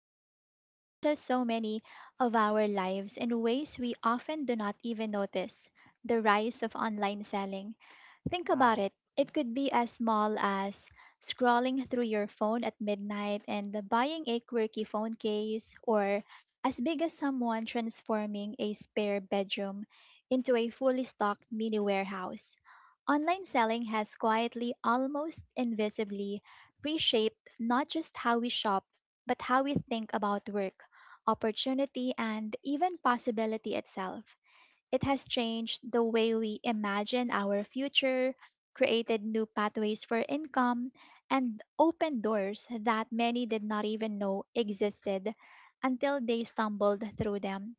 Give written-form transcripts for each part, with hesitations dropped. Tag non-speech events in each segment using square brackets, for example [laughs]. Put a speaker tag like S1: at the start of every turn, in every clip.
S1: something that touches so many of our lives in ways we often do not even notice the rise of online selling. Think about
S2: Wow.
S1: it. It could be as small as scrolling through your phone at midnight and buying a quirky phone case, or as big as someone transforming a spare bedroom into a fully stocked mini warehouse. Online selling has quietly, almost invisibly, reshaped not just how we shop, but how we think about work, opportunity, and even possibility itself. It has changed the way we imagine our future, created new pathways for income, and opened doors that many did not even know existed until they stumbled through them.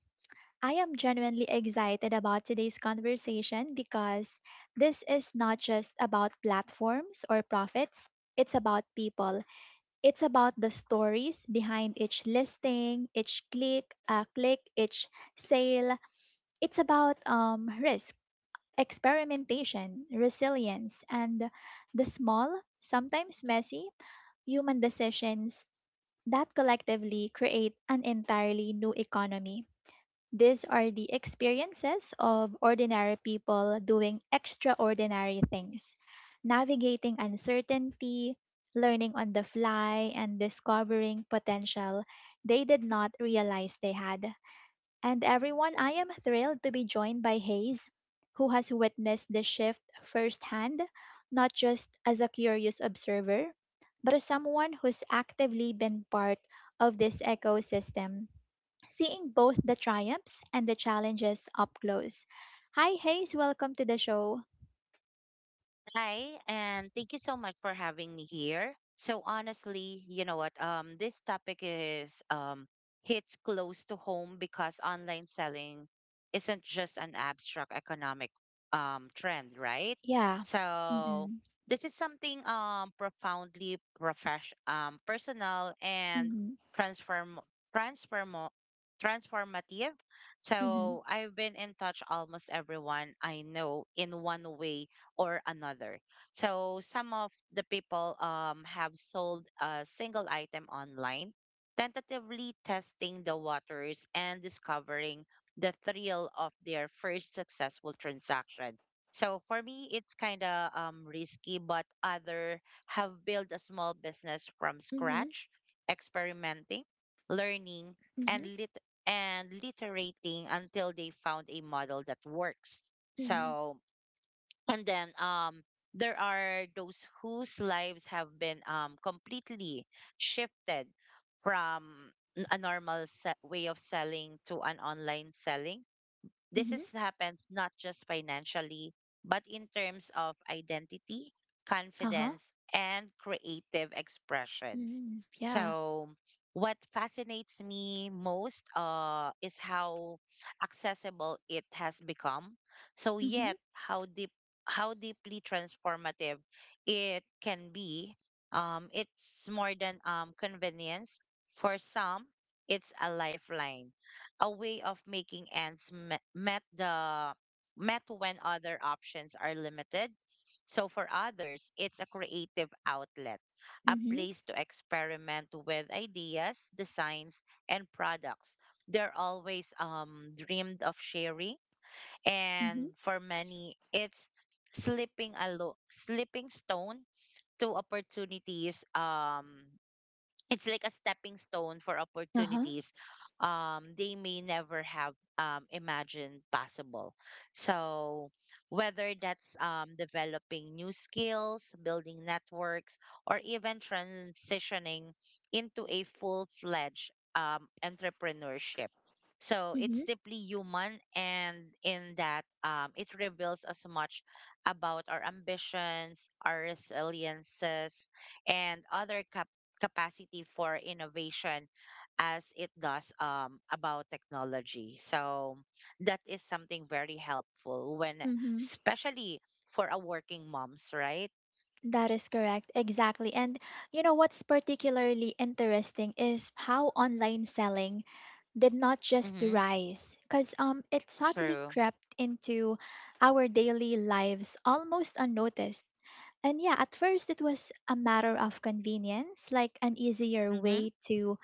S1: I am genuinely excited about today's conversation because this is not just about platforms or profits. It's about people. It's about the stories behind each listing, each click, each sale. It's about risk, experimentation, resilience, and the small, sometimes messy, human decisions that collectively create an entirely new economy. These are the experiences of ordinary people doing extraordinary things, navigating uncertainty, learning on the fly, and discovering potential they did not realize they had. And everyone, I am thrilled to be joined by Hayes, who has witnessed the shift firsthand, not just as a curious observer, but as someone who's actively been part of this ecosystem, seeing both the triumphs and the challenges up close. Hi, Hayes, welcome to the show.
S2: Hi, and thank you so much for having me here. So honestly, you know what? This topic is hits close to home because online selling isn't just an abstract economic trend, right?
S1: Yeah.
S2: So
S1: Mm-mm.
S2: this is something profoundly profession personal and
S1: Mm-hmm.
S2: transform transform transformative.
S1: Mm-hmm.
S2: So I've been in touch almost everyone I know in one way or another. So some of the people have sold a single item online, tentatively testing the waters and discovering the thrill of their first successful transaction. So for me, it's kind of risky, but other have built a small business from
S1: Mm-hmm.
S2: scratch, experimenting, learning,
S1: Mm-hmm.
S2: and literating until they found a model that works.
S1: Mm-hmm.
S2: So and then there are those whose lives have been completely shifted from a normal way of selling to an online selling. This
S1: Mm-hmm.
S2: is happens not just financially, but in terms of identity,
S1: Uh-huh.
S2: confidence, and creative expressions.
S1: Mm-hmm. Yeah.
S2: So, what fascinates me most is how accessible it has become. So,
S1: Mm-hmm.
S2: yet how deep, how deeply transformative it can be. It's more than convenience. For some, it's a lifeline, a way of making ends met when other options are limited. So for others, it's a creative outlet, a
S1: Mm-hmm.
S2: place to experiment with ideas, designs, and products. They're always dreamed of sharing,
S1: Mm-hmm.
S2: and for many, it's slipping stone to opportunities. It's like a stepping stone for
S1: Uh-huh.
S2: opportunities they may never have imagined possible. So, whether that's developing new skills, building networks, or even transitioning into a full fledged entrepreneurship. So, it's
S1: Mm-hmm.
S2: deeply human, and in that, it reveals as much about our ambitions, our resiliences, and other capacity for innovation as it does about technology. So that is something very helpful when,
S1: Mm-hmm.
S2: especially for a working moms, right?
S1: That is correct. Exactly. And you know what's particularly interesting is how online selling did not just
S2: Mm-hmm.
S1: rise because it subtly
S2: True.
S1: crept into our daily lives almost unnoticed. And yeah, at first it was a matter of convenience, like an easier
S2: Mm-hmm.
S1: way to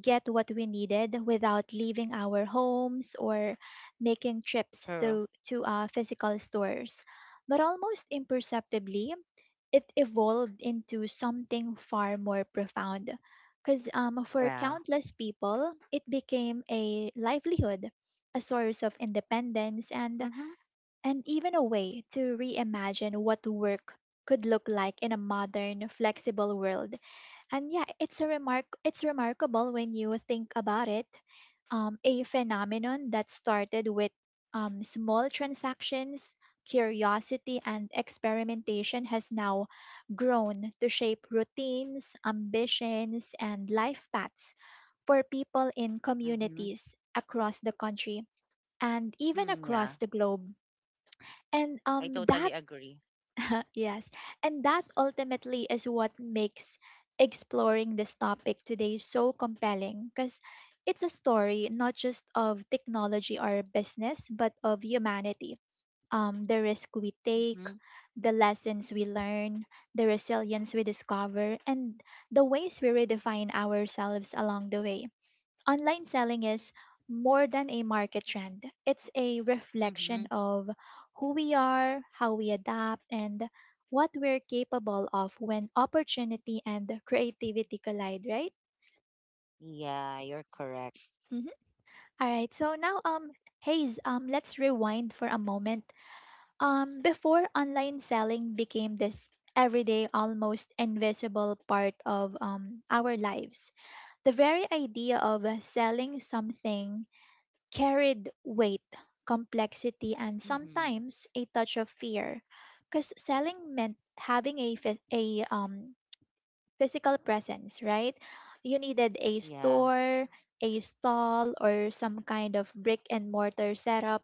S1: get what we needed without leaving our homes or making trips
S2: True.
S1: to physical stores. But almost imperceptibly, it evolved into something far more profound. Because for
S2: Yeah.
S1: countless people, it became a livelihood, a source of independence, and,
S2: Mm-hmm.
S1: and even a way to reimagine what work could look like in a modern, flexible world. And yeah, it's remarkable when you think about it. A phenomenon that started with small transactions, curiosity, and experimentation has now grown to shape routines, ambitions, and life paths for people in
S2: Mm-hmm.
S1: communities across the country and even
S2: Mm, yeah.
S1: across the globe. And
S2: I totally
S1: that
S2: agree.
S1: [laughs] yes. And that ultimately is what makes exploring this topic today so compelling because it's a story not just of technology or business, but of humanity. The risk we take,
S2: Mm-hmm.
S1: the lessons we learn, the resilience we discover, and the ways we redefine ourselves along the way. Online selling is more than a market trend, it's a reflection
S2: Mm-hmm.
S1: of who we are, how we adapt, and what we're capable of when opportunity and creativity collide, right?
S2: Yeah, you're correct.
S1: Hmm. All right. So now, Hayes, let's rewind for a moment. Before online selling became this everyday, almost invisible part of our lives, the very idea of selling something carried weight, complexity, and
S2: Mm-hmm.
S1: sometimes a touch of fear. Because selling meant having a, physical presence, right? You needed a
S2: Yeah.
S1: store, a stall, or some kind of brick and mortar setup.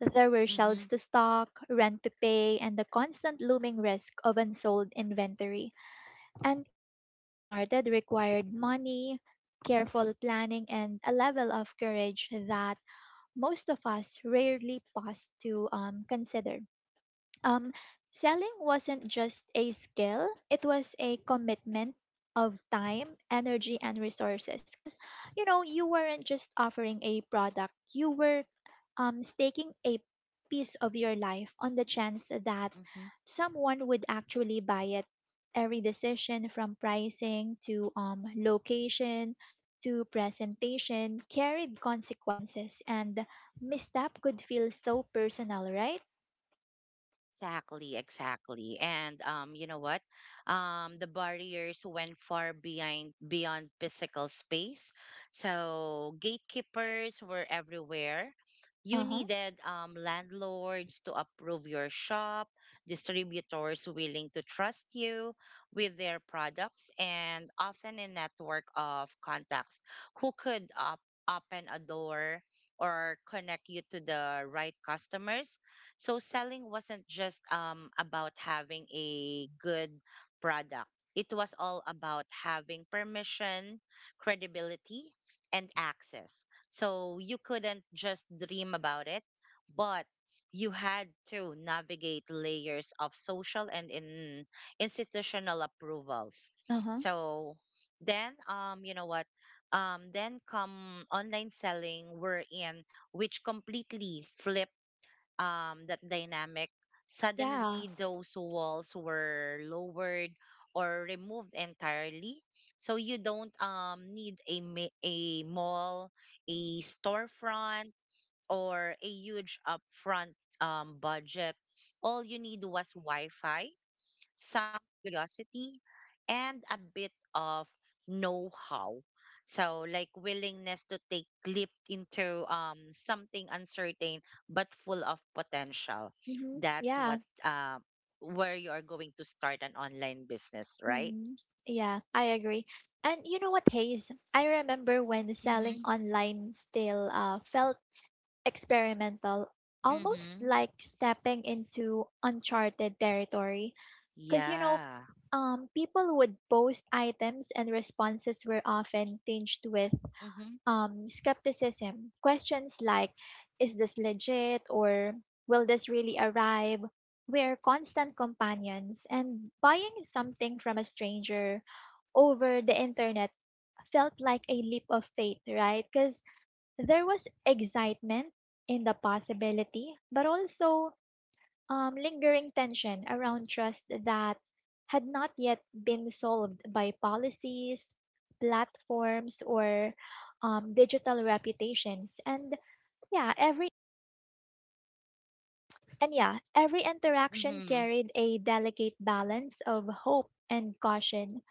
S1: There were
S2: Mm-hmm.
S1: shelves to stock, rent to pay, and the constant looming risk of unsold inventory. And even getting started required money, careful planning, and a level of courage that most of us rarely pause to consider. um, Selling wasn't just a skill, it was a commitment of time, energy, and resources. Because, you know, you weren't just offering a product, you were staking a piece of your life on the chance that someone would actually buy it. Every decision from pricing to location to presentation carried consequences, and misstep could feel so personal, right?
S2: Exactly, exactly. And you know what? The barriers went far behind beyond physical space. So gatekeepers were everywhere. You
S1: Uh-huh.
S2: needed landlords to approve your shop, distributors willing to trust you with their products, and often a network of contacts who could open a door or connect you to the right customers, so selling wasn't just about having a good product. It was all about having permission, credibility, and access. So you couldn't just dream about it, but you had to navigate layers of social and in institutional approvals.
S1: Uh-huh.
S2: So then, you know what? Then come online selling, wherein which completely flipped that dynamic.
S1: Yeah.
S2: Suddenly those walls were lowered or removed entirely. So you don't need a mall, a storefront, or a huge upfront budget. All you need was Wi Fi, some curiosity, and a bit of know how. So, like willingness to take leap into something uncertain but full of potential.
S1: Mm-hmm.
S2: That's
S1: Yeah.
S2: what where you are going to start an online business, right?
S1: Mm-hmm. Yeah, I agree. And you know what, Hayes? I remember when selling
S2: Mm-hmm.
S1: online still felt experimental, almost
S2: Mm-hmm.
S1: like stepping into uncharted territory. Because, you know,
S2: Yeah.
S1: people would post items and responses were often tinged with
S2: Mm-hmm.
S1: skepticism. Questions like, is this legit, or will this really arrive? We're constant companions, and buying something from a stranger over the internet felt like a leap of faith, right? Because there was excitement in the possibility, but also lingering tension around trust that had not yet been solved by policies, platforms, or digital reputations. And yeah, every yeah, every interaction
S2: Mm-hmm.
S1: carried a delicate balance of hope and caution,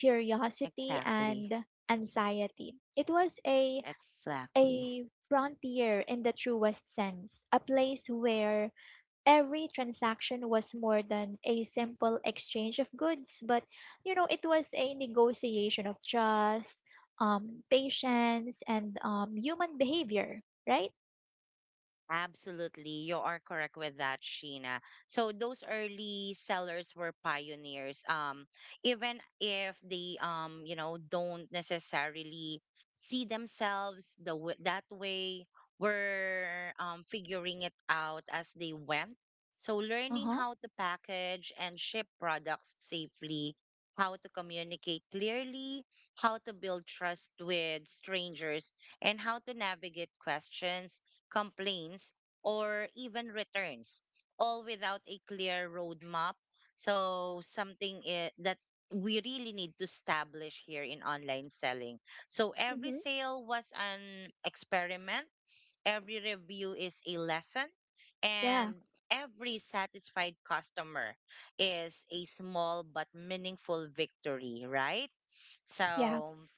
S1: curiosity
S2: Exactly.
S1: and anxiety. It was a
S2: Exactly.
S1: a frontier in the truest sense, a place where every transaction was more than a simple exchange of goods, but you know, it was a negotiation of trust, patience, and human behavior, right?
S2: Absolutely. You are correct with that, Sheena. So those early sellers were pioneers. Even if they don't necessarily see themselves the that way, were figuring it out as they went. So
S1: Uh
S2: learning
S1: huh.
S2: how to package and ship products safely, how to communicate clearly, how to build trust with strangers, and how to navigate questions, complaints, or even returns, all without a clear roadmap. So, something that we really need to establish here in online selling. So, every
S1: Hmm.
S2: sale was an experiment, every review is a lesson,
S1: Yeah.
S2: and every satisfied customer is a small but meaningful victory, right?
S1: Yeah.
S2: So,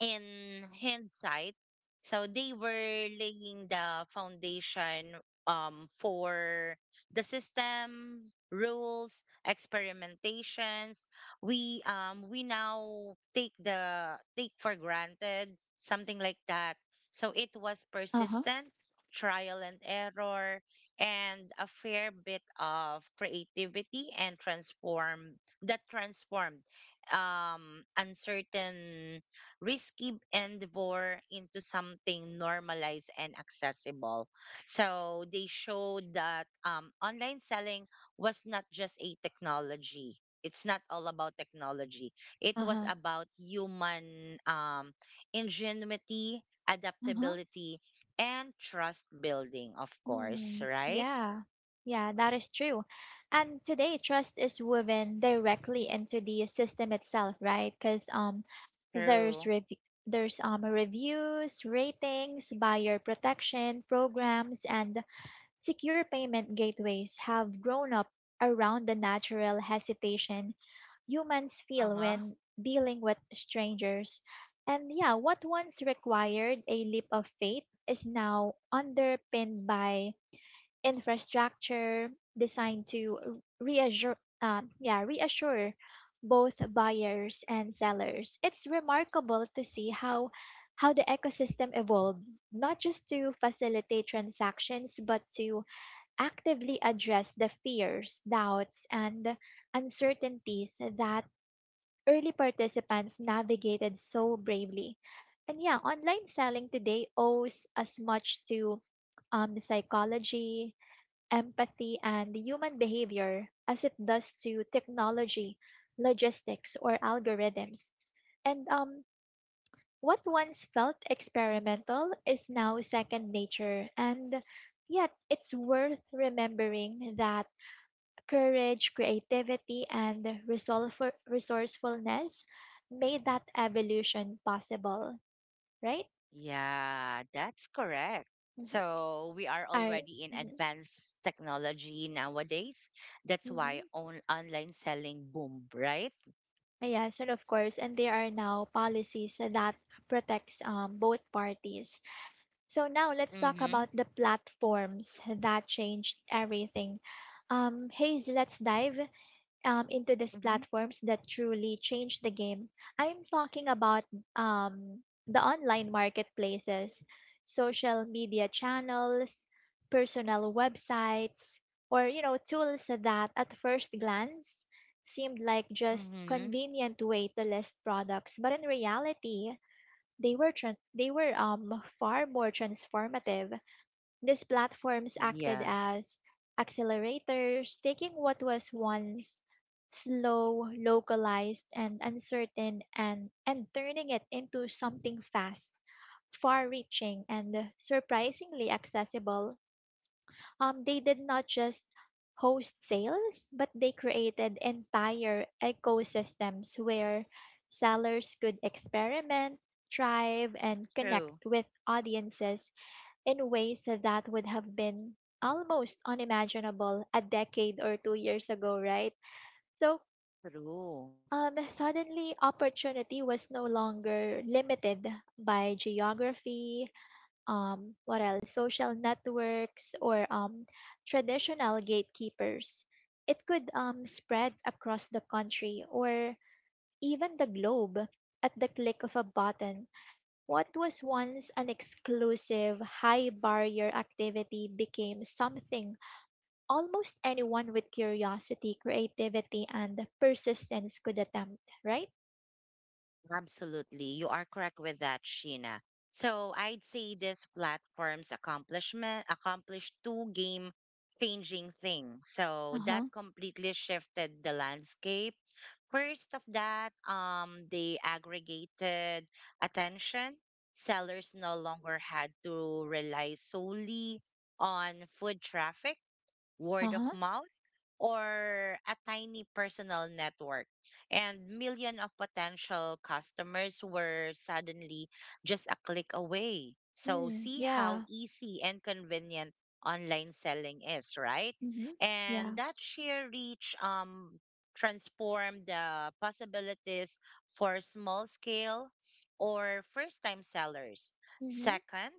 S2: in hindsight, so they were laying the foundation for the system, rules, experimentations. We now take the take for granted something like that. So it was
S1: Uh huh.
S2: persistent trial and error and a fair bit of creativity and transform that transformed uncertain, risky endeavor into something normalized and accessible. So they showed that online selling was not just a technology. It's not all about technology. It
S1: Uh
S2: was
S1: huh.
S2: about human ingenuity,
S1: Uh huh.
S2: adaptability, and trust building, of course,
S1: Mm,
S2: right?
S1: yeah, yeah, that is true. And today, trust is woven directly into the system itself, right? Because there's
S2: True.
S1: rev there's reviews, ratings, buyer protection programs, and secure payment gateways have grown up around the natural hesitation humans
S2: Uh
S1: feel
S2: huh.
S1: when dealing with strangers. And yeah, what once required a leap of faith is now underpinned by infrastructure designed to reassure, reassure both buyers and sellers. It's remarkable to see how the ecosystem evolved, not just to facilitate transactions, but to actively address the fears, doubts, and uncertainties that early participants navigated so bravely. And yeah, online selling today owes as much to psychology, empathy, and human behavior as it does to technology, logistics, or algorithms. And what once felt experimental is now second nature. And yet, it's worth remembering that courage, creativity, and resourcefulness made that evolution possible, right?
S2: Yeah, that's correct.
S1: Mm-hmm.
S2: So we are
S1: Are,
S2: already in
S1: mhm,
S2: advanced technology nowadays. That's why
S1: mhm.
S2: on online selling boom, right?
S1: Yes, and of course, and there are now policies that protects both parties. So now let's talk
S2: Mm-hmm.
S1: about the platforms that changed everything. Hayes, let's dive into these
S2: Mm-hmm.
S1: platforms that truly change the game. I'm talking about um, the online marketplaces, social media channels, personal websites, or you know tools that at first glance seemed like just
S2: Mm-hmm.
S1: convenient way to list products, but in reality, they were far more transformative. These platforms acted
S2: Yeah,
S1: as accelerators, taking what was once slow, localized, and uncertain and turning it into something fast, far reaching, and surprisingly accessible. They did not just host sales, but they created entire ecosystems where sellers could experiment, thrive, and
S2: true.
S1: connect with audiences in ways that would have been almost unimaginable a decade or 2 years ago, right? So
S2: True.
S1: suddenly, opportunity was no longer limited by geography, social networks, or traditional gatekeepers. It could spread across the country or even the globe at the click of a button. What was once an exclusive, high barrier activity became something almost anyone with curiosity, creativity, and persistence could attempt, right?
S2: Absolutely. You are correct with that, Sheena. So I'd say this platform's accomplishment accomplished two game changing things. So
S1: Uh
S2: that
S1: huh.
S2: completely shifted the landscape. First of that, they aggregated attention. Sellers no longer had to rely solely on food traffic,
S1: Uh
S2: word of
S1: huh.
S2: mouth, or a tiny personal network. And million of potential customers were suddenly just a click away. So
S1: Mm,
S2: see how
S1: yeah.
S2: easy and convenient online selling is, right?
S1: Mhm.
S2: And
S1: Yeah.
S2: that sheer reach transformed the possibilities for small scale or first time sellers.
S1: Hmm.
S2: Second,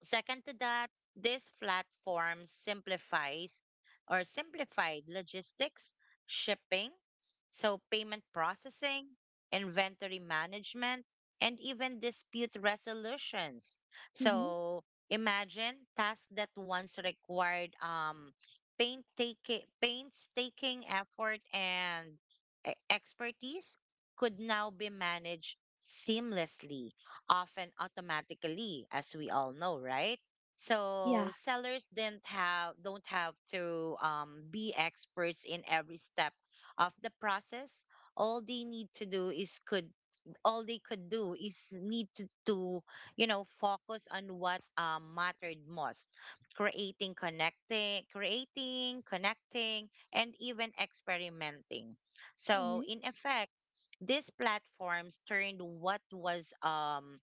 S2: Second to that, this platform simplifies or simplified logistics, shipping, so payment processing, inventory management, and even dispute resolutions.
S1: Mhm.
S2: So imagine tasks that once required painstaking effort and expertise could now be managed seamlessly, often automatically, as we all know, right?
S1: Yeah.
S2: So sellers didn't have don't have to be experts in every step of the process. All they need to do is could all they could do is need to you know focus on what mattered most, creating connecting and even experimenting.
S1: Mm-hmm.
S2: So
S1: Yeah.
S2: in effect these platforms turned what was um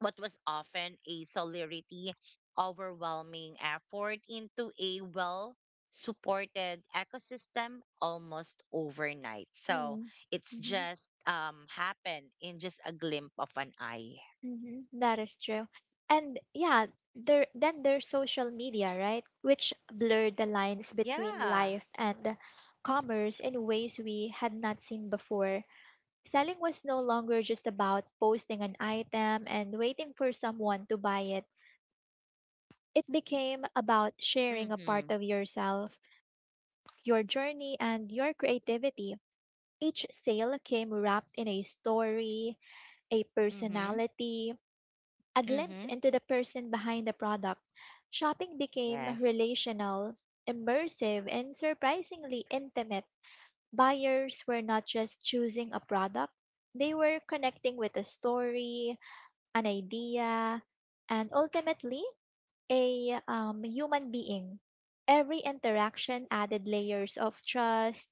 S2: what was often a solidarity overwhelming effort into a well supported ecosystem almost overnight. So
S1: Mhm.
S2: it's
S1: Mhm.
S2: just happened in just a glimpse of an eye.
S1: Mhm, that is true. And yeah, there then there's social media, right? Which blurred the lines between
S2: Yeah.
S1: life and commerce in ways we had not seen before. Selling was no longer just about posting an item and waiting for someone to buy it. It became about sharing a part
S2: Mhm.
S1: of yourself, your journey, and your creativity. Each sale came wrapped in a story, a
S2: Mhm.
S1: personality, a glimpse
S2: Mhm.
S1: into the person behind the product. Shopping became
S2: Yes.
S1: relational, immersive, and surprisingly intimate. Buyers were not just choosing a product, they were connecting with a story, an idea, and ultimately a human being. Every interaction added layers of trust,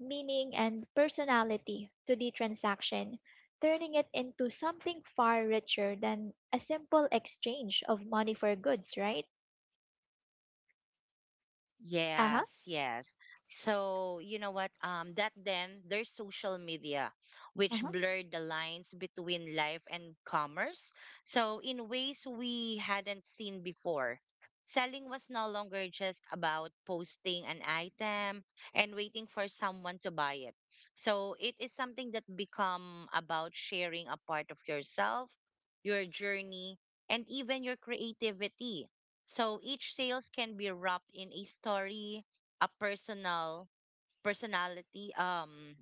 S1: meaning, and personality to the transaction, turning it into something far richer than a simple exchange of money for goods, right? Uh huh.
S2: Yes, yes. So, you know what? That Then there's social media,
S1: Uh
S2: which
S1: huh.
S2: blurred the lines between life and commerce. So, in ways we hadn't seen before, selling was no longer just about posting an item and waiting for someone to buy it. So, it is something that become about sharing a part of yourself, your journey, and even your creativity. So each sales can be wrapped in a story, a personality,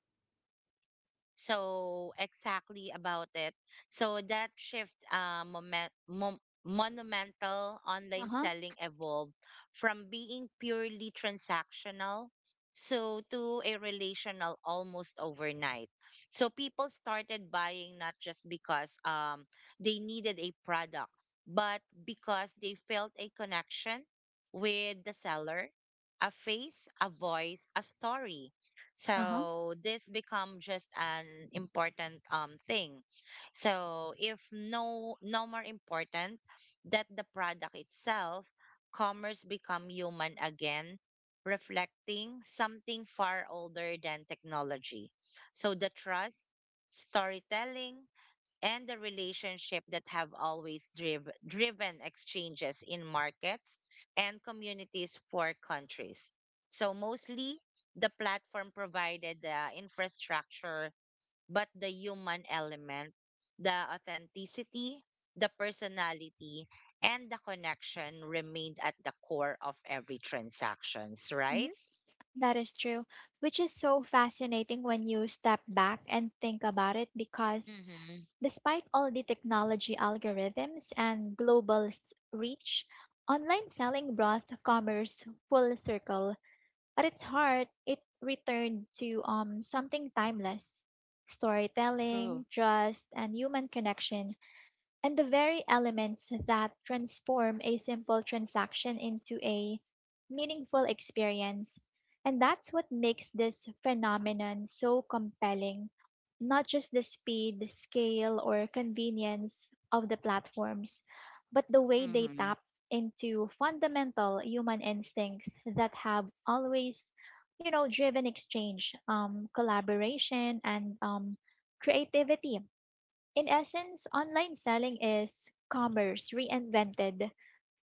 S2: so exactly about it. So that shift, monumental
S1: Uh
S2: online
S1: huh.
S2: selling evolved from being purely transactional so to a relational almost overnight. So people started buying not just because they needed a product, but because they felt a connection with the seller, a face, a voice, a story.
S1: Uh huh.
S2: So this become just an important thing. So if no more important that the product itself, commerce become human again, reflecting something far older than technology. So the trust, storytelling, and the relationship that have always driven exchanges in markets and communities for countries. So mostly the platform provided the infrastructure, but the human element, the authenticity, the personality, and the connection remained at the core of every transactions, right?
S1: Mhm. That is true, which is so fascinating when you step back and think about it because
S2: Mm-hmm.
S1: despite all the technology algorithms and reach, online selling brought commerce full circle. At its heart, it returned to something timeless:
S2: True.
S1: storytelling, trust, and human connection. And the very elements that transform a simple transaction into a meaningful experience. And that's what makes this phenomenon so compelling. Not just the speed, scale, or convenience of the platforms, but the way they
S2: Mm-hmm.
S1: tap into fundamental human instincts that have always, you know, driven exchange, collaboration, and creativity. In essence, online selling is commerce reinvented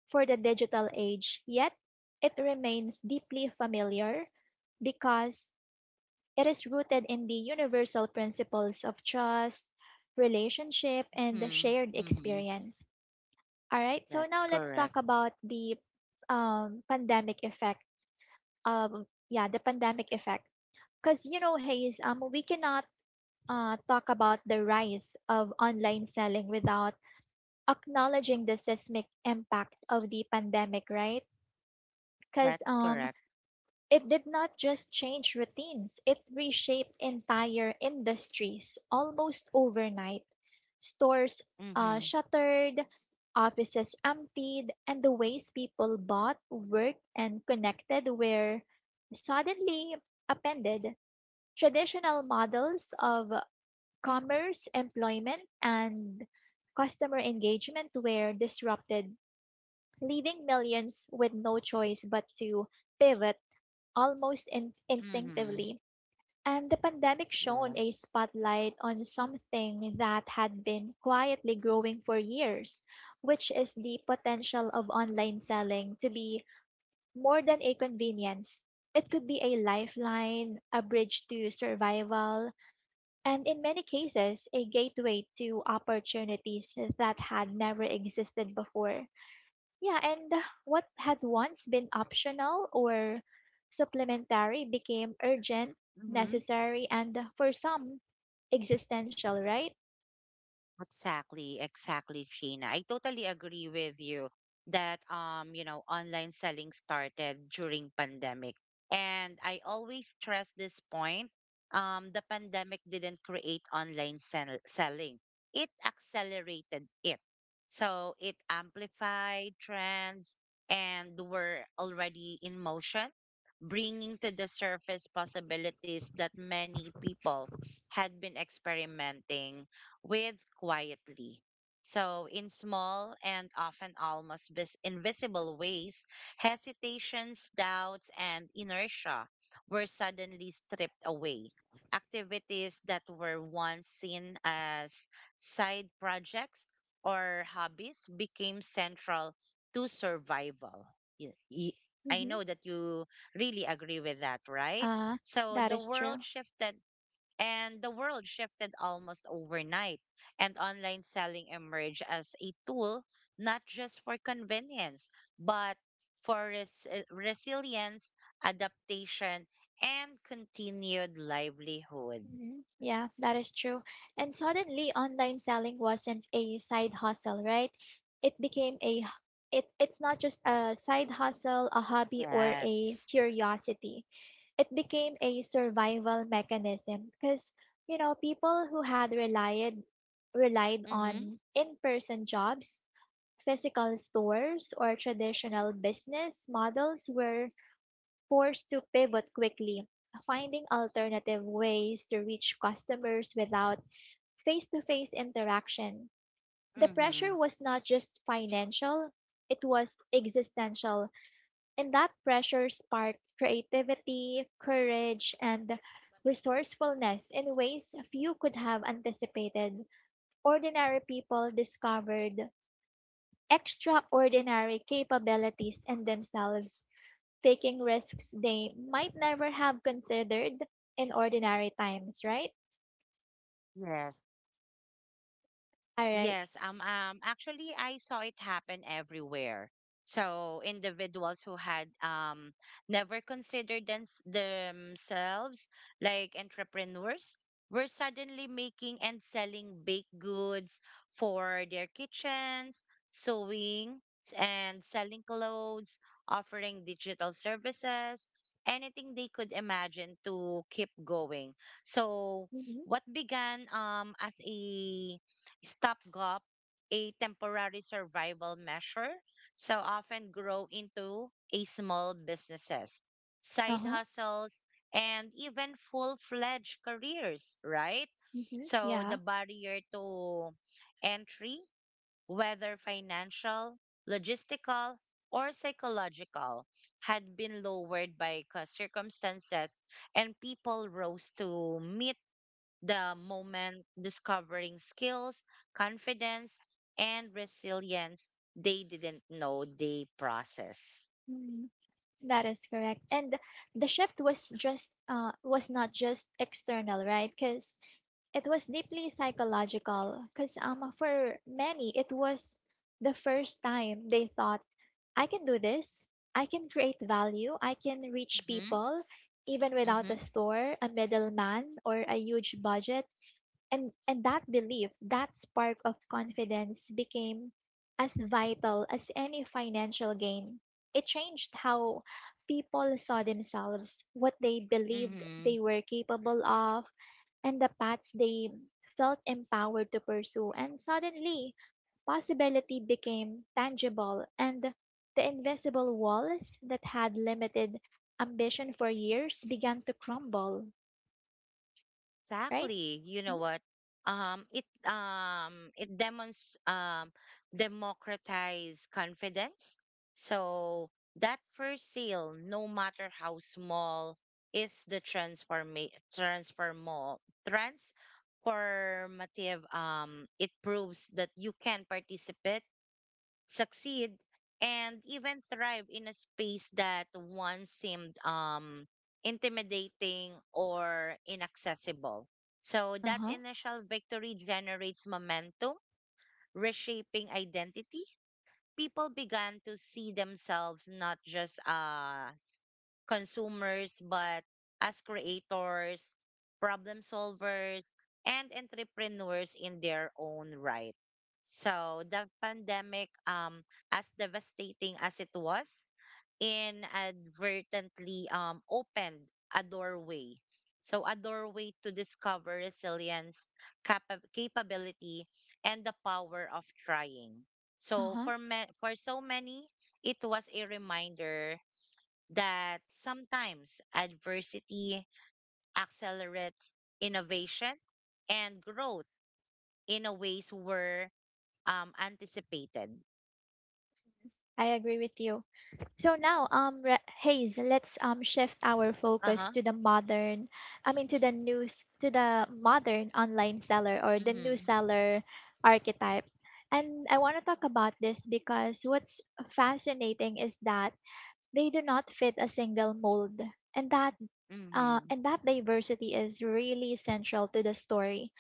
S1: for the digital age, yet it remains deeply familiar because it is rooted in the universal principles of trust, relationship, and the shared
S2: Mm-hmm.
S1: experience. All right, so
S2: That's
S1: now let's
S2: correct.
S1: talk about the pandemic effect. Yeah, the pandemic effect. Because, you know, Hayes, we cannot talk about the rise of online selling without acknowledging the seismic impact of the pandemic, right? Because
S2: That's correct.
S1: it did not just change routines, it reshaped entire industries almost overnight. Stores
S2: Mm-hmm.
S1: shuttered, offices emptied, and the ways people bought, worked, and connected were suddenly upended. Traditional models of commerce, employment, and customer engagement were disrupted, leaving millions with no choice but to pivot almost
S2: Mhm,
S1: instinctively. And the pandemic shone a
S2: yes.
S1: spotlight on something that had been quietly growing for years, which is the potential of online selling to be more than a convenience. It could be a lifeline, a bridge to survival, and in many cases, a gateway to opportunities that had never existed before. Yeah, and what had once been optional or supplementary became urgent,
S2: Mhm.
S1: necessary, and for some, existential, right?
S2: Exactly, exactly, Sheena. I totally agree with you that online selling started during pandemic. And I always stress this point. The pandemic didn't create online selling. It accelerated it. So it amplified trends and were already in motion, bringing to the surface possibilities that many people had been experimenting with quietly. So, in small and often almost invisible ways, hesitations, doubts, and inertia were suddenly stripped away. Activities that were once seen as side projects or hobbies became central to survival. Y- y- I
S1: Mm-hmm.
S2: know that you really agree with that, right?
S1: Uh,
S2: So
S1: that
S2: the
S1: is true.
S2: world shifted and the world shifted almost overnight, and online selling emerged as a tool not just for convenience, but for resilience, adaptation, and continued livelihood.
S1: Mhm. Yeah, that is true. And suddenly online selling wasn't a side hustle, right? It became a it's not just a side hustle, a hobby or a
S2: Yes.
S1: curiosity. It became a survival mechanism because, you know, people who had relied
S2: Mm-hmm.
S1: on in-person jobs, physical stores or traditional business models were forced to pivot quickly, finding alternative ways to reach customers without face to face interaction. The
S2: Mm-hmm.
S1: pressure was not just financial, it was existential, and that pressure sparked creativity, courage, and resourcefulness in ways few could have anticipated. Ordinary people discovered extraordinary capabilities in themselves, taking risks they might never have considered in ordinary times, right?
S2: Yes.
S1: All right.
S2: Yes, actually, I saw it happen everywhere. So individuals who had never considered themselves like entrepreneurs were suddenly making and selling baked goods for their kitchens, sewing and selling clothes, offering digital services, anything they could imagine to keep going. So
S1: Mm-hmm.
S2: what began as a stopgap, a temporary survival measure, so often grow into a small businesses,
S1: Uh
S2: side
S1: huh.
S2: hustles, and even full-fledged careers, right?
S1: Mm-hmm.
S2: So
S1: Yeah.
S2: the barrier to entry, whether financial, logistical, or psychological, had been lowered by circumstances, and people rose to meet the moment, discovering skills, confidence, and resilience they didn't know they process.
S1: Mhm. That is correct. And the shift was just was not just external, right? Because it was deeply psychological. Because for many it was the first time they thought, I can do this. I can create value. I can reach
S2: Mm-hmm.
S1: people even without
S2: Mm-hmm.
S1: a store, a middleman, or a huge budget. and that belief, that spark of confidence, became as vital as any financial gain. It changed how people saw themselves, what they believed
S2: Mm-hmm.
S1: they were capable of, and the paths they felt empowered to pursue. And suddenly possibility became tangible, and the invisible walls that had limited ambition for years began to crumble, right?
S2: Exactly. You know what? It demonstrates democratize confidence. So that first sale, no matter how small, is the transformo transformative. It proves that you can participate, succeed, and even thrive in a space that once seemed intimidating or inaccessible. So that
S1: Uh-huh.
S2: initial victory generates momentum, reshaping identity. People began to see themselves not just as consumers, but as creators, problem solvers, and entrepreneurs in their own right. So the pandemic, as devastating as it was, inadvertently opened a doorway. So, a doorway to discover resilience, capability, and the power of trying. So,
S1: Uh-huh.
S2: for so many, it was a reminder that sometimes adversity accelerates innovation and growth in a ways were anticipated.
S1: I agree with you. So now, Hayes, let's shift our
S2: Uh
S1: focus
S2: huh.
S1: to the modern, I mean to the news, to the modern online seller, or the new
S2: Mm-hmm.
S1: seller archetype. And I want to talk about this because what's fascinating is that they do not fit a single mold, and that
S2: Mm-hmm.
S1: and that diversity is really central to the story.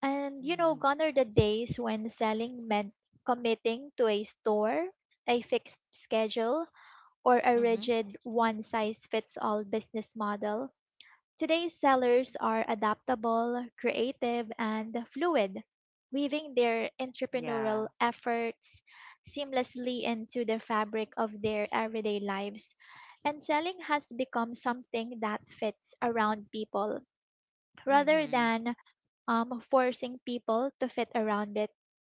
S1: And you know,
S2: Hmm.
S1: gone are the days when selling meant committing to a store, a fixed schedule, or a
S2: Mm-hmm.
S1: rigid one size fits all business model. Today's sellers are adaptable, creative, and fluid, weaving their
S2: Yeah.
S1: entrepreneurial efforts seamlessly into the fabric of their everyday lives. And selling has become something that fits around people rather
S2: Mm-hmm.
S1: than forcing people to fit around it.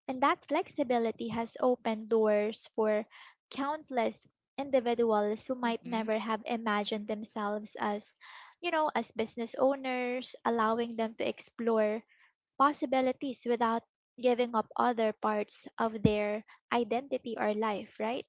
S1: And that flexibility has opened doors for countless individuals who might
S2: Mm-hmm.
S1: never have imagined themselves as, you know, as business owners, allowing them to explore possibilities without giving up other parts of their identity or life, right?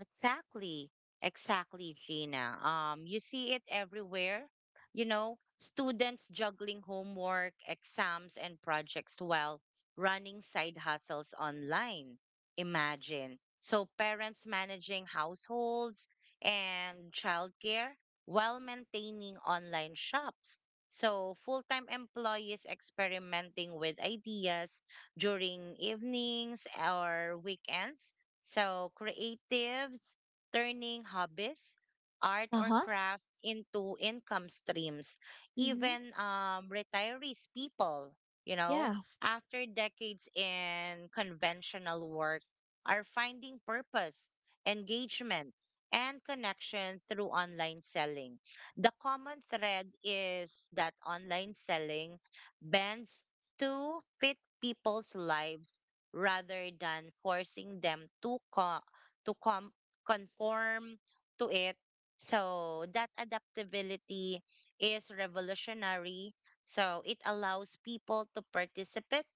S2: Exactly. Exactly, Gina. You see it everywhere. You know, students juggling homework, exams, and projects while running side hustles online. Imagine. So parents managing households and childcare while maintaining online shops. So full-time employees experimenting with ideas during evenings or weekends. So, creatives turning hobbies, art
S1: Uh
S2: or
S1: huh.
S2: craft into income streams.
S1: Mm-hmm.
S2: Even retirees, people, you know,
S1: Yeah.
S2: after decades in conventional work, are finding purpose, engagement, and connection through online selling. The common thread is that online selling bends to fit people's lives rather than forcing them to to com- conform to it. So that adaptability is revolutionary. So it allows people to participate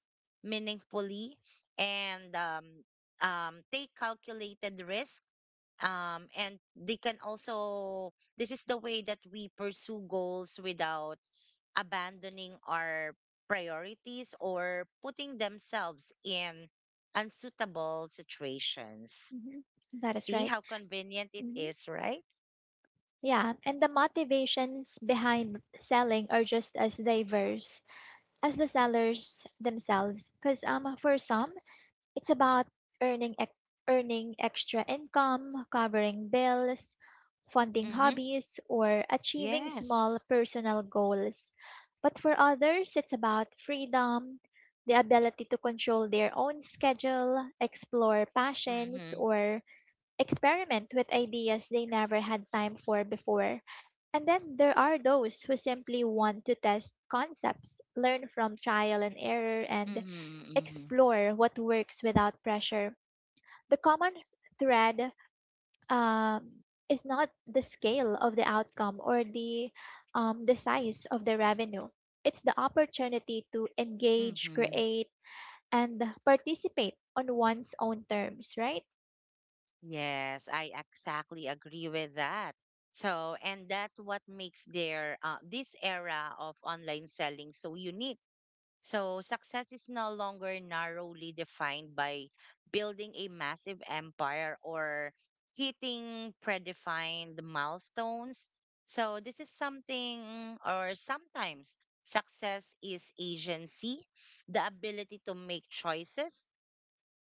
S2: meaningfully and take calculated risk. And they can also this is the way that we pursue goals without abandoning our priorities or putting themselves in unsuitable situations.
S1: Mm-hmm. That is
S2: See
S1: right.
S2: how convenient it
S1: Hmm.
S2: is, right?
S1: Yeah. And the motivations behind selling are just as diverse as the sellers themselves, because for some, it's about earning ex- earning extra income, covering bills, funding
S2: Mm-hmm.
S1: hobbies, or achieving small
S2: Yes.
S1: personal goals. But for others, it's about freedom, the ability to control their own schedule, explore passions,
S2: Mm-hmm.
S1: or experiment with ideas they never had time for before. And then there are those who simply want to test concepts, learn from trial and error, and
S2: Mm-hmm. Mm-hmm.
S1: explore what works without pressure. The common thread, um, is not the scale of the outcome or the size of the revenue, it's the opportunity to engage,
S2: Mm-hmm.
S1: create, and participate on one's own terms, right?
S2: Yes, I exactly agree with that. So, and that's what makes their this era of online selling so unique. So success is no longer narrowly defined by building a massive empire or hitting predefined milestones. So this is something or sometimes success is agency, the ability to make choices,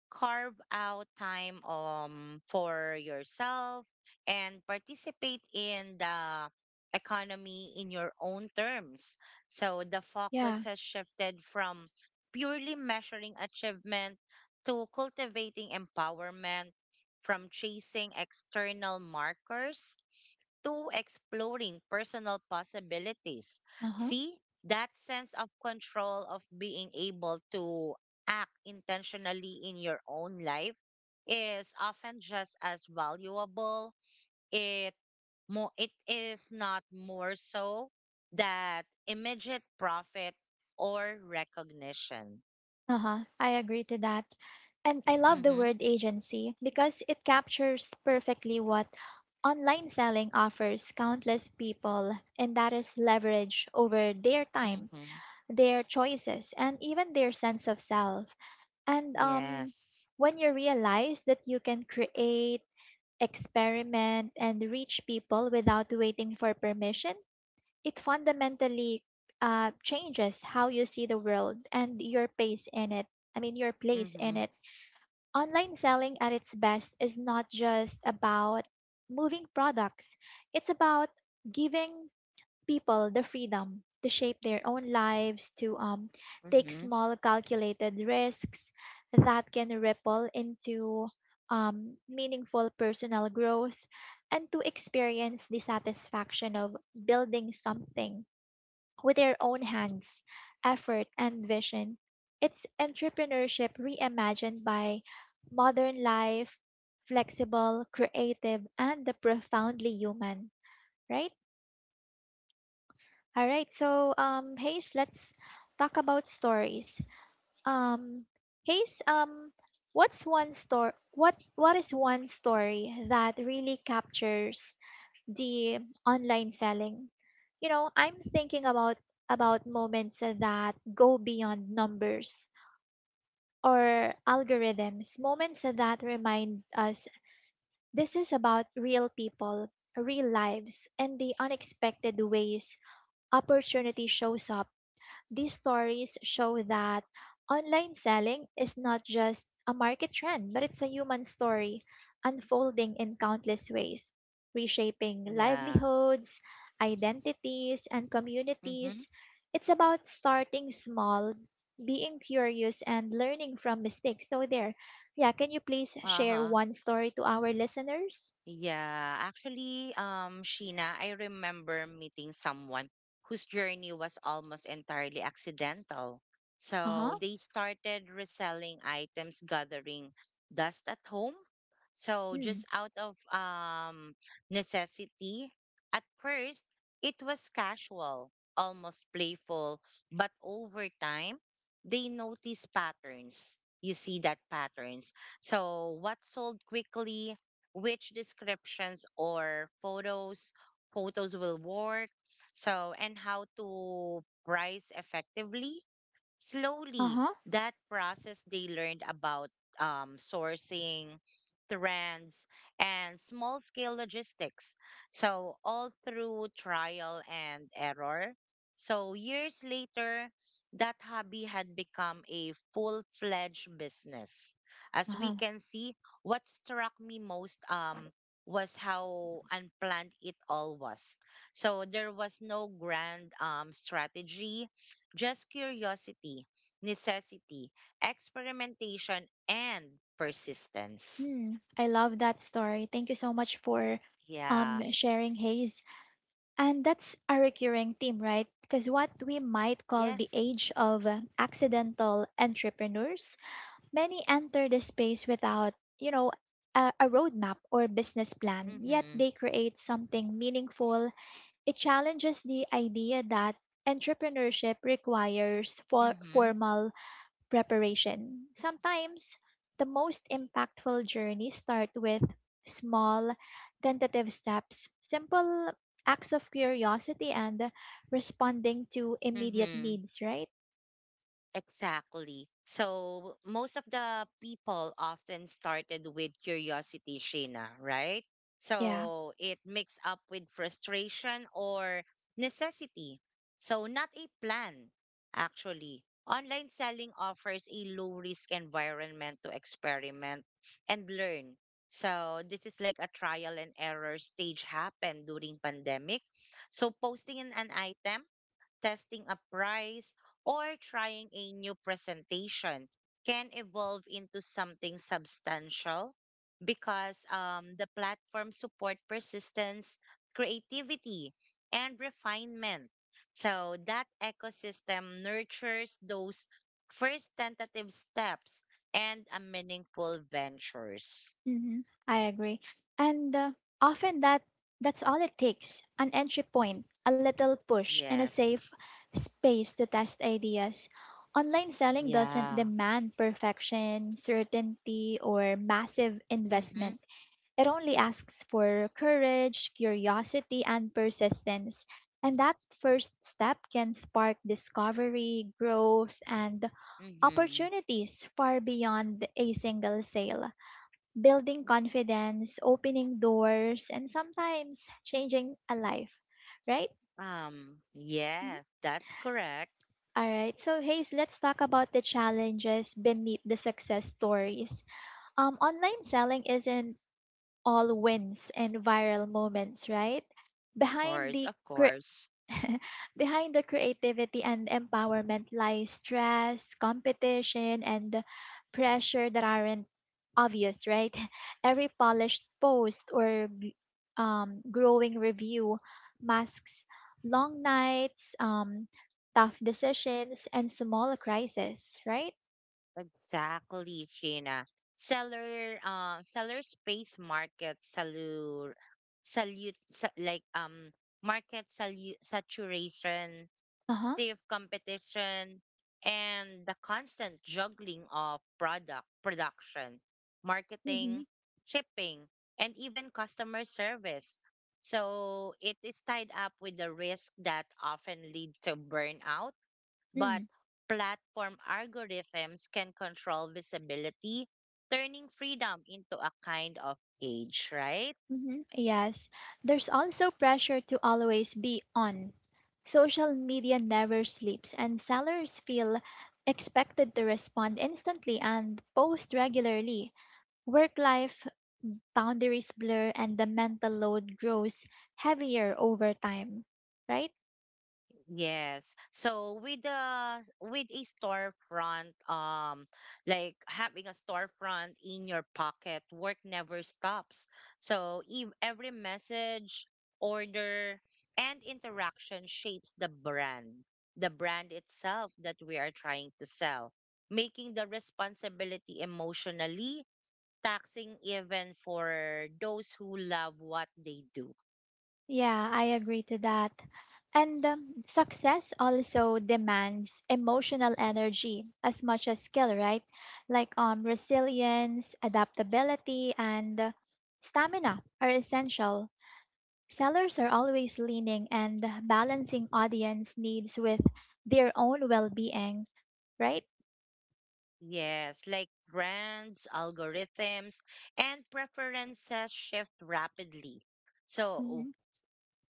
S2: carve out time for yourself and participate in the economy in your own terms. So the focus
S1: Yeah.
S2: has shifted from purely measuring achievement to cultivating empowerment, from chasing external markers to exploring personal possibilities.
S1: Uh huh.
S2: See, that sense of control of being able to act intentionally in your own life is often just as valuable. It it is not more so that immediate profit or recognition.
S1: Uh huh. I agree to that. And I love the
S2: Mhm.
S1: word agency, because it captures perfectly what online selling offers countless people, and that is leverage over their time,
S2: Mhm.
S1: their choices, and even their sense of self. And
S2: Yes.
S1: when you realize that you can create, experiment, and reach people without waiting for permission, it fundamentally changes how you see the world and your pace in it. I mean, your place in
S2: Mhm.
S1: it. Online selling at its best is not just about moving products, it's about giving people the freedom to shape their own lives, to take
S2: Mhm.
S1: small calculated risks that can ripple into meaningful personal growth, and to experience the satisfaction of building something with their own hands, effort, and vision. It's entrepreneurship reimagined by modern life, flexible, creative, and the profoundly human, right? All right, so Hayes, let's talk about stories. Um Hayes, what is one story that really captures the online selling? You know, I'm thinking about moments that go beyond numbers or algorithms, moments that remind us this is about real people, real lives, and the unexpected ways opportunity shows up. These stories show that online selling is not just a market trend, but it's a human story unfolding in countless ways, reshaping
S2: Yeah.
S1: livelihoods, identities, and
S2: Mhm.
S1: communities. It's about starting small, being curious, and learning from mistakes. So, there, yeah, can you please share
S2: Uh-huh.
S1: one story to our listeners?
S2: Yeah, actually, Sheena, I remember meeting someone whose journey was almost entirely accidental.
S1: Uh
S2: So
S1: huh.
S2: they started reselling items, gathering dust at home. So just out of necessity, at first, it was casual, almost playful, but over time, they noticed patterns. You see that patterns. So what sold quickly, which descriptions or photos will work, so and how to price effectively,
S1: Uh
S2: slowly
S1: huh.
S2: that process they learned about sourcing, trends, and small scale logistics, so all through trial and error. So years later that hobby had become a full-fledged business,
S1: Uh
S2: as we
S1: huh.
S2: can see. What struck me most was how unplanned it all was. So there was no grand strategy, just curiosity, necessity, experimentation, and persistence.
S1: Hmm, I love that story. Thank you so much for
S2: Yeah.
S1: sharing, Hayes. And that's a recurring theme, right? Because what we might call the
S2: Yes.
S1: age of accidental entrepreneurs, many enter the space without, you know, a roadmap or business plan, yet
S2: Mm-hmm.
S1: they create something meaningful. It challenges the idea that entrepreneurship requires
S2: Mm-hmm.
S1: formal preparation. Sometimes the most impactful journeys start with small, tentative steps, simple acts of curiosity, and responding to immediate
S2: Mm-hmm.
S1: needs, right?
S2: Exactly. So most of the people often started with curiosity, Sheena, right?
S1: Yeah.
S2: So it mixed up with frustration or necessity. So not a plan, actually. Online selling offers a low risk environment to experiment and learn. So this is like a trial and error stage happened during pandemic. So posting an item, testing a price, or trying a new presentation can evolve into something substantial because the platform support persistence, creativity, and refinement. So that ecosystem nurtures those first tentative steps and a meaningful ventures.
S1: Hmm. I agree. And often that's all it takes, an entry point, a little push, and a safe
S2: Yes.
S1: space to test ideas. Online selling doesn't
S2: Yeah.
S1: demand perfection, certainty, or massive
S2: Mm-hmm.
S1: investment. It only asks for courage, curiosity, and persistence. And that first step can spark discovery, growth, and
S2: Mm-hmm.
S1: opportunities far beyond a single sale, building confidence, opening doors, and sometimes changing a life, right? Mhm.
S2: Yes, that's correct.
S1: All right, so Hayes, let's talk about the challenges beneath the success stories. Online selling isn't all wins and viral moments, right?
S2: course,
S1: Behind
S2: of
S1: the cre-
S2: course.
S1: [laughs] behind the creativity and empowerment lies stress, competition, and pressure that aren't obvious, right? [laughs] Every polished post or growing review masks long nights, tough decisions, and small crises, right?
S2: Exactly, Sheena. Seller, seller space market salute, salute, sa- like, Market salute, saturation,
S1: Uh huh.
S2: stiff competition, and the constant juggling of product production,
S1: Mm-hmm.
S2: marketing, shipping, and even customer service. So it is tied up with the risk that often leads to burnout. But
S1: Mm.
S2: platform algorithms can control visibility, turning freedom into a kind of cage, right?
S1: Mhm. Yes, there's also pressure to always be on. Social media never sleeps, and sellers feel expected to respond instantly and post regularly. Work life boundaries blur, and the mental load grows heavier over time, right?
S2: Yes. So with the with a storefront, like having a storefront in your pocket, work never stops. So ev every message, order, and interaction shapes the brand itself that we are trying to sell, making the responsibility emotionally taxing even for those who love what they do.
S1: Yeah, I agree to that. And success also demands emotional energy as much as skill, right? Like resilience, adaptability, and stamina are essential. Sellers are always leaning and balancing audience needs with their own well being, right?
S2: Yes, like brands, algorithms, and preferences shift rapidly. So
S1: Mm-hmm.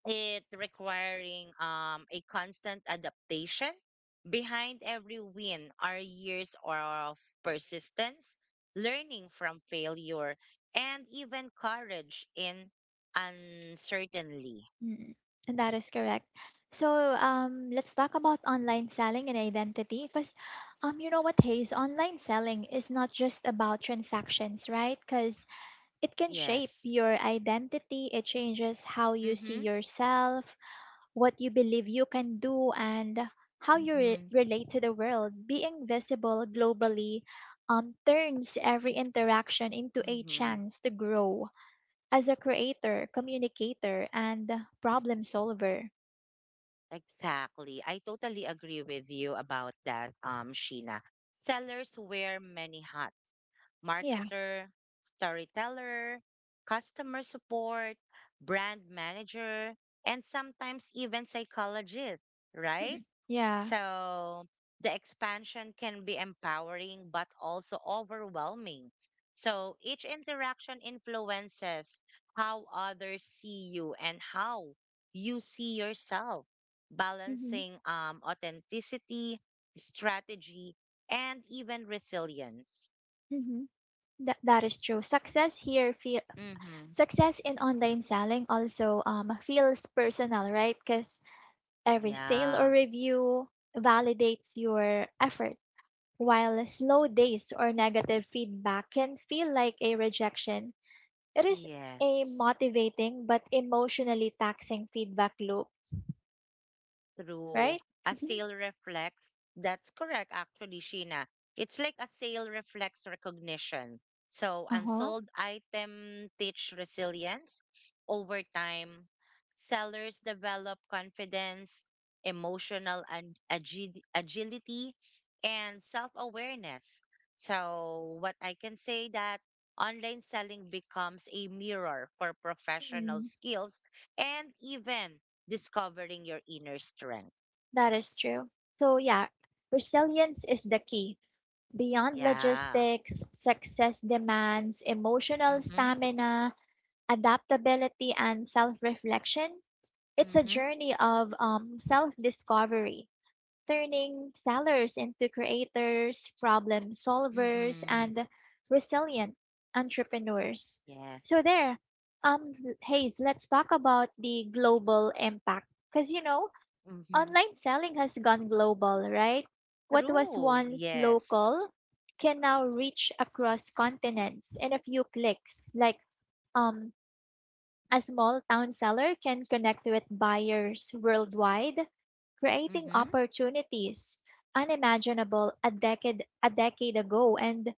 S2: it requiring a constant adaptation. Behind every win are years of persistence, learning from failure, and even courage in uncertainty.
S1: Mm, and that is correct. So let's talk about online selling and identity, because you know what, Hayes, online selling is not just about transactions, right? Because it can shape
S2: Yes.
S1: your identity, it changes how you see
S2: Mm-hmm.
S1: yourself, what you believe you can do, and how you
S2: Mm-hmm.
S1: relate to the world. Being visible globally turns every interaction into a
S2: Mm-hmm.
S1: chance to grow as a creator, communicator, and problem solver.
S2: Exactly. I totally agree with you about that, Sheena. Sellers wear many hats.
S1: Yeah.
S2: Marketer, storyteller, customer support, brand manager, and sometimes even psychologist, right?
S1: [laughs] yeah.
S2: So the expansion can be empowering but also overwhelming. So each interaction influences how others see you and how you see yourself,
S1: Mm-hmm.
S2: balancing authenticity, strategy, and even resilience.
S1: Mm-hmm. That that is true. Success here feel
S2: Mm-hmm.
S1: success in online selling also feels personal, right? Because every sale
S2: Yeah,
S1: or review validates your effort, while slow days or negative feedback can feel like a rejection. It is a
S2: yes.
S1: motivating but emotionally taxing feedback loop,
S2: True.
S1: right?
S2: A
S1: [laughs]
S2: sale reflects. That's correct, actually, Sheena. It's like a sale reflects recognition. So
S1: Uh-huh.
S2: unsold item teach resilience. Over time, sellers develop confidence, emotional and agility, and self-awareness. So what I can say that online selling becomes a mirror for professional
S1: Mm,
S2: skills and even discovering your inner strength.
S1: that is true. So, yeah, resilience is the key. Beyond
S2: Yeah.
S1: logistics, success demands emotional
S2: Mm-hmm.
S1: stamina, adaptability, and self reflection. It's a
S2: Mm-hmm.
S1: journey of self discovery, turning sellers into creators, problem solvers,
S2: Mm-hmm.
S1: and resilient entrepreneurs. So
S2: Yes.
S1: there, um, Hayes, let's talk about the global impact. Because you know,
S2: Mm-hmm.
S1: online selling has gone global, right? What was
S2: True.
S1: once local
S2: Yes.
S1: can now reach across continents in a few clicks, like um a small town seller can connect with buyers worldwide, creating
S2: Mm-hmm.
S1: opportunities unimaginable a decade ago, and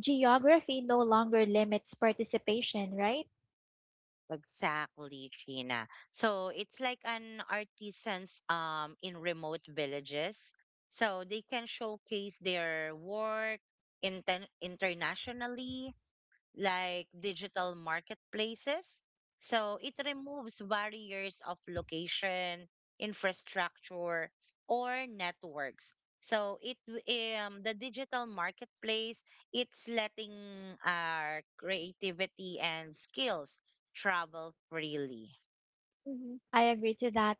S1: geography no longer limits participation, right?
S2: Exactly, Sheena. So it's like an artisans in remote villages. So they can showcase their work internationally like digital marketplaces. So it removes barriers of location, infrastructure, or networks. So it w- the digital marketplace, it's letting our creativity and skills travel freely.
S1: Mhm. I agree to that.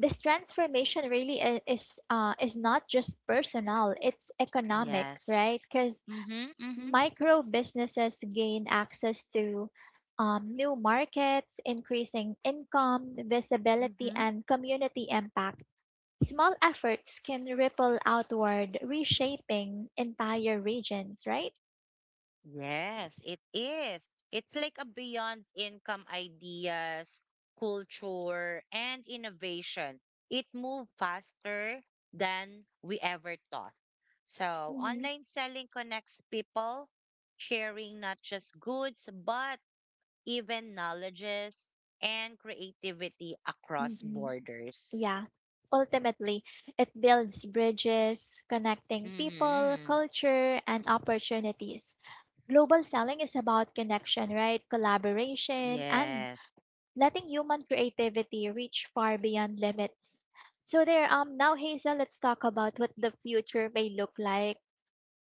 S1: This transformation really is not just personal, it's economic,
S2: Yes.
S1: right? Because
S2: Mhm. Mhm.
S1: micro businesses gain access to new markets, increasing income, visibility,
S2: Mhm.
S1: and community impact. Small efforts can ripple outward, reshaping entire regions, right?
S2: Yes, it is. It's like a beyond income ideas, culture, and innovation. It moved faster than we ever thought. So,
S1: Mm-hmm.
S2: online selling connects people, sharing not just goods, but even knowledges and creativity across
S1: Hmm.
S2: borders.
S1: Yeah. Ultimately, it builds bridges, connecting people,
S2: Mm-hmm.
S1: culture, and opportunities. Global selling is about connection, right? Collaboration and
S2: Yes.
S1: letting human creativity reach far beyond limits. So there, now Hazel, let's talk about what the future may look like.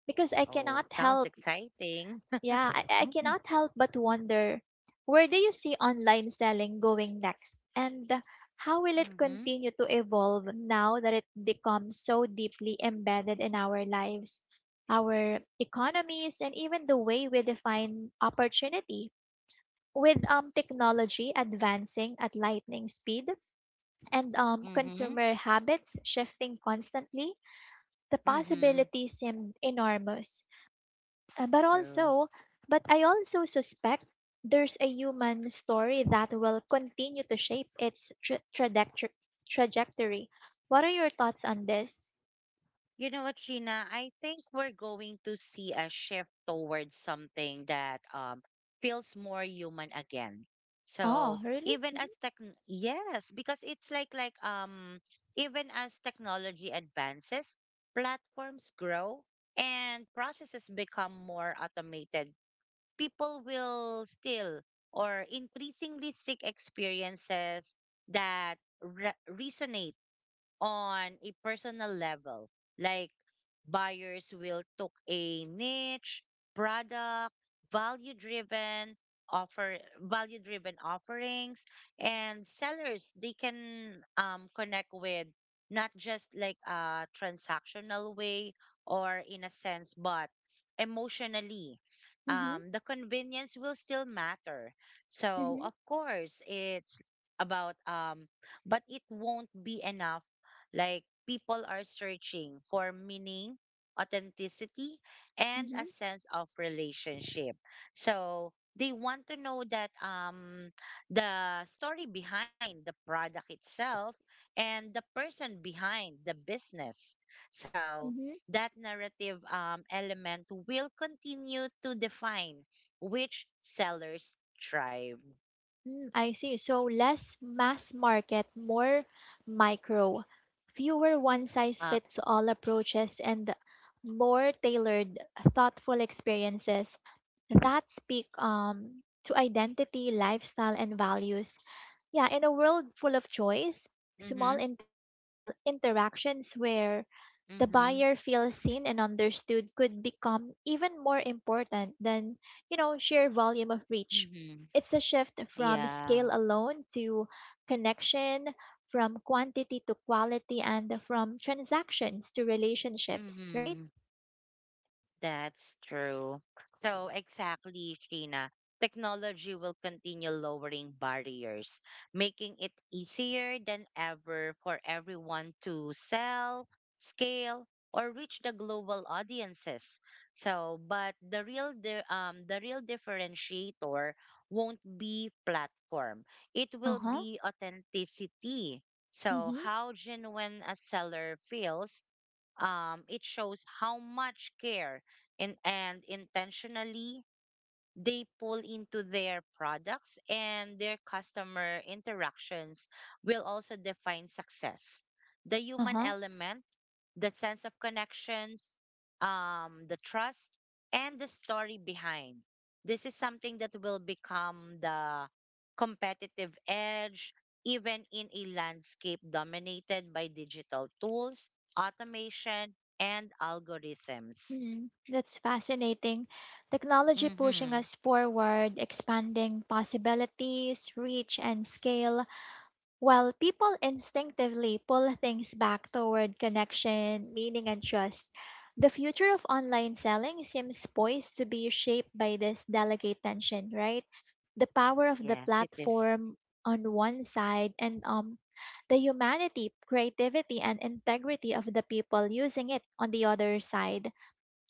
S1: Because I
S2: Oh,
S1: cannot
S2: sounds
S1: help,
S2: exciting.
S1: yeah, I
S2: [laughs]
S1: cannot help but wonder, where do you see online selling going next, and how will it
S2: Mm-hmm.
S1: continue to evolve now that it becomes so deeply embedded in our lives, our economies, and even the way we define opportunity? With technology advancing at lightning speed, and
S2: Mm-hmm.
S1: consumer habits shifting constantly, the
S2: Mm-hmm.
S1: possibilities seem enormous. Uh, but
S2: True.
S1: also, but I also suspect there's a human story that will continue to shape its trajectory. Trajectory. What are your thoughts on this?
S2: You know what, Sheena? I think we're going to see a shift towards something that feels more human again.
S1: Oh,
S2: So
S1: really?
S2: even as tech, yes, because it's like even as technology advances, platforms grow and processes become more automated. People will still or increasingly seek experiences that resonate on a personal level. Like buyers will took a niche, product, value driven value driven offerings and sellers they can connect with not just like a transactional way or in a sense but emotionally.
S1: Mm-hmm.
S2: The convenience will still matter so
S1: Mm-hmm.
S2: of course it's about but it won't be enough, like people are searching for meaning, authenticity, and
S1: Mm-hmm.
S2: a sense of relationship. So they want to know that the story behind the product itself and the person behind the business. So
S1: Mm-hmm.
S2: that narrative element will continue to define which sellers thrive.
S1: Mm, I see. So less mass market, more micro, fewer one size
S2: Uh,
S1: fits all approaches, and more tailored, thoughtful experiences that speak to identity, lifestyle, and values. Yeah, in a world full of choice,
S2: mm-hmm,
S1: small intentional interactions where the
S2: mm-hmm,
S1: buyer feels seen and understood could become even more important than, sheer volume of reach.
S2: mm-hmm.
S1: It's a shift from
S2: Yeah.
S1: scale alone to connection, from quantity to quality, and from transactions to relationships, right?
S2: Mm-hmm. That's true. So, exactly, Sheena. Technology will continue lowering barriers, making it easier than ever for everyone to sell, scale, or reach the global audiences. So, but the real differentiator won't be platform. It
S1: Uh
S2: will
S1: huh.
S2: be authenticity. So,
S1: Mm-hmm.
S2: how genuine a seller feels, it shows how much care and intentionally they pull into their products and their customer interactions will also define success. The
S1: Uh
S2: human
S1: huh.
S2: element, the sense of connections, the trust, and the story behind. This is something that will become the competitive edge, even in a landscape dominated by digital tools, automation, and algorithms.
S1: Mhm. That's fascinating. Technology pushing
S2: Mm-hmm.
S1: us forward, expanding possibilities, reach, and scale, while people instinctively pull things back toward connection, meaning, and trust. The future of online selling seems poised to be shaped by this delicate tension, right? The power of the
S2: Yes, it is.
S1: platform on one side and the humanity, creativity, and integrity of the people using it on the other side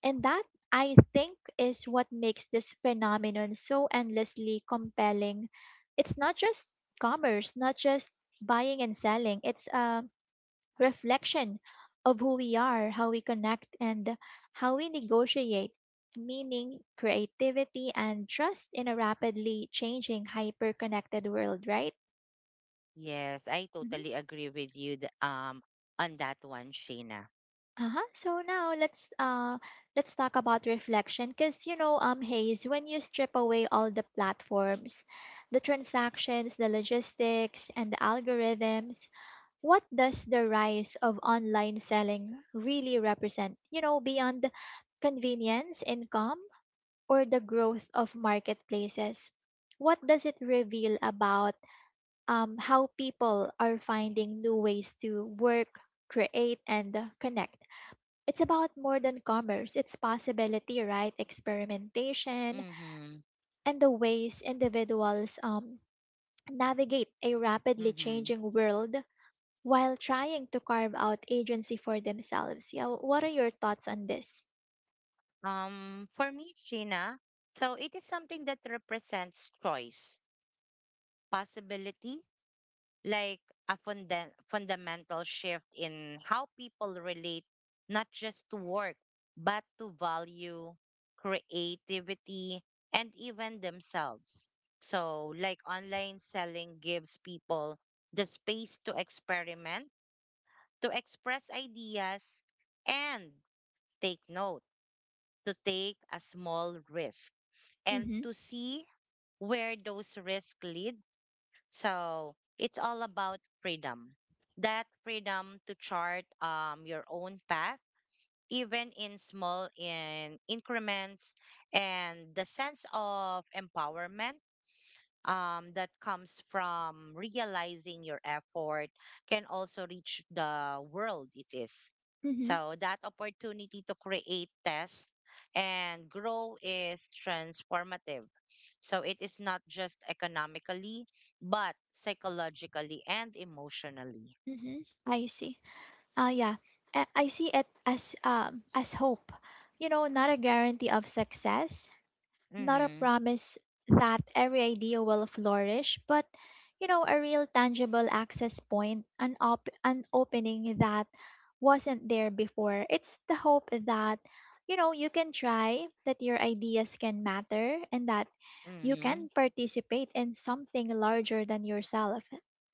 S1: and that, I think, is what makes this phenomenon so endlessly compelling. It's not just commerce, not just buying and selling, it's a reflection of who we are, how we connect, and how we negotiate meaning, creativity, and trust in a rapidly changing, hyper connected world, right?
S2: Yes, I
S1: Mm-hmm.
S2: totally agree with you on that one, Sheena.
S1: Uh-huh. So now let's talk about reflection because Hayes, when you strip away all the platforms, the transactions, the logistics and the algorithms, what does the rise of online selling really represent? You know, beyond convenience, income or the growth of marketplaces. What does it reveal about how people are finding new ways to work, create and connect? It's about more than commerce. It's possibility, right? Experimentation
S2: Mm-hmm.
S1: and the ways individuals navigate a rapidly
S2: Mm-hmm.
S1: changing world while trying to carve out agency for themselves. Yeah, what are your thoughts on this?
S2: For me, Sheena, so it is something that represents choice, possibility, like a fundamental shift in how people relate not just to work, but to value, creativity, and even themselves. So, like online selling gives people the space to experiment, to express ideas and take note, to take a small risk and
S1: Mm-hmm.
S2: to see where those risks lead. So it's all about freedom. That freedom to chart your own path, even in small in increments, and the sense of empowerment that comes from realizing your effort can also reach the world it is.
S1: Mm-hmm.
S2: So that opportunity to create, test, and grow is transformative. So it is not just economically, but psychologically and emotionally.
S1: Mm-hmm. I see. Yeah, I see it as hope. You know, not a guarantee of success. Not a
S2: Mm-hmm.
S1: promise that every idea will flourish, but, you know, a real tangible access point, an opening that wasn't there before. It's the hope that, you know, you can try, that your ideas can matter, and that you
S2: Mm-hmm.
S1: can participate in something larger than yourself.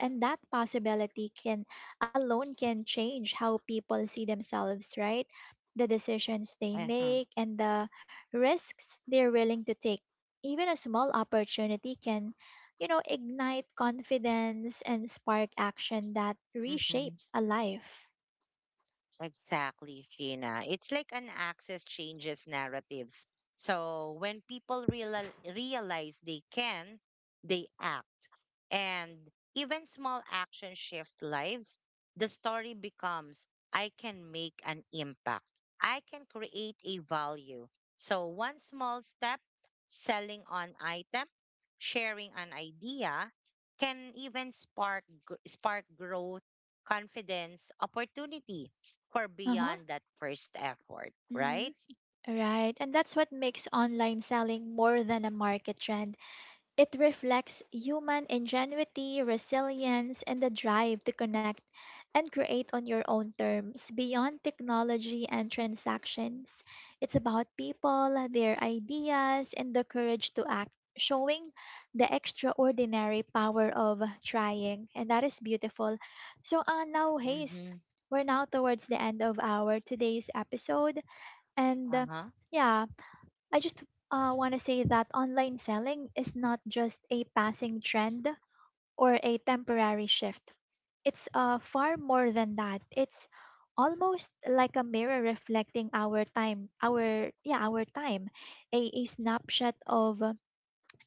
S1: And that possibility can alone can change how people see themselves, right? The decisions they
S2: Uh-huh.
S1: make and the risks they're willing to take. Even a small opportunity can, you know, ignite confidence and spark action that
S2: Mm-hmm.
S1: reshape a life.
S2: Exactly, Sheena. It's like an access changes narratives. So when people realize they can, they act. And even small actions shift lives. The story becomes I can make an impact, I can create a value. So, one small step, selling an item, sharing an idea, can even spark growth, confidence, opportunity for
S1: Uh huh.
S2: beyond that first effort,
S1: Hmm.
S2: right?
S1: Right. And that's what makes online selling more than a market trend. It reflects human ingenuity, resilience, and the drive to connect and create on your own terms beyond technology and transactions. It's about people, their ideas, and the courage to act, showing the extraordinary power of trying. And that is beautiful. So, now, Hayes,
S2: Mm-hmm.
S1: we're now towards the end of our today's episode. And
S2: Uh-huh.
S1: yeah, I just want to say that online selling is not just a passing trend or a temporary shift. It's far more than that. It's almost like a mirror reflecting our time, our time, a snapshot of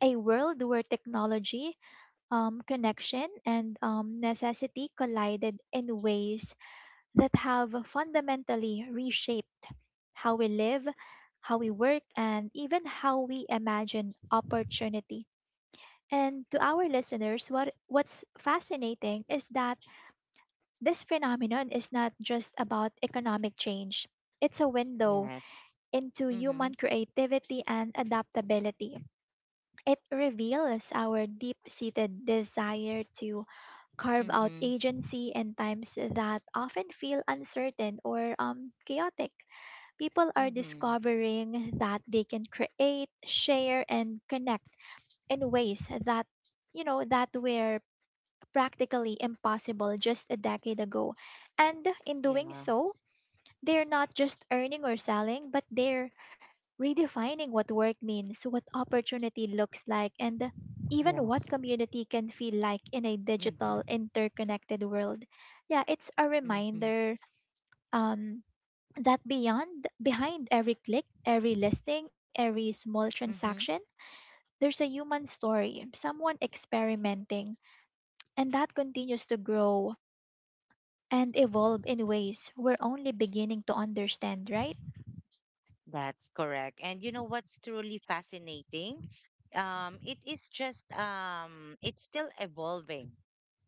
S1: a world where technology, connection, and necessity collided in ways that have fundamentally reshaped how we live, how we work, and even how we imagine opportunity. And to our listeners, what's fascinating is that this phenomenon is not just about economic change. It's a window
S2: Yes.
S1: into
S2: Mm-hmm.
S1: human creativity and adaptability. It reveals our deep-seated desire to carve out
S2: Mm-hmm.
S1: agency in times that often feel uncertain or chaotic. People are
S2: Mm-hmm.
S1: discovering that they can create, share, and connect in ways that, you know, that were practically impossible just a decade ago. And in doing
S2: Yeah.
S1: so, they're not just earning or selling, but they're redefining what work means, what opportunity looks like, and even what
S2: Yes.
S1: community can feel like in a
S2: Mm-hmm.
S1: digital, interconnected world. Yeah, it's a
S2: Mm-hmm.
S1: reminder um, that beyond behind every click, every listing, every small transaction,
S2: Mm-hmm.
S1: there's a human story, someone experimenting, and that continues to grow and evolve in ways we're only beginning to understand, right?
S2: That's correct. And you know what's truly fascinating? It is just It's still evolving.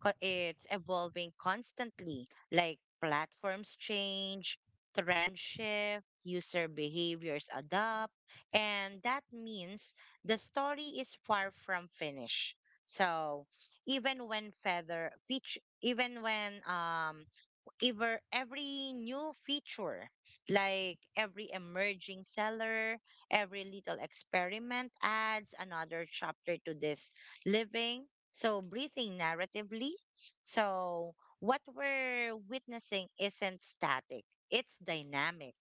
S2: It's evolving constantly. Like platforms change, trends shift, user behaviors adapt, and that means the story is far from finished. So even when feather feature, even when ever every new feature, like every emerging seller, every little experiment adds another chapter to this living. So breathing narratively. So what we're witnessing isn't static, it's dynamic.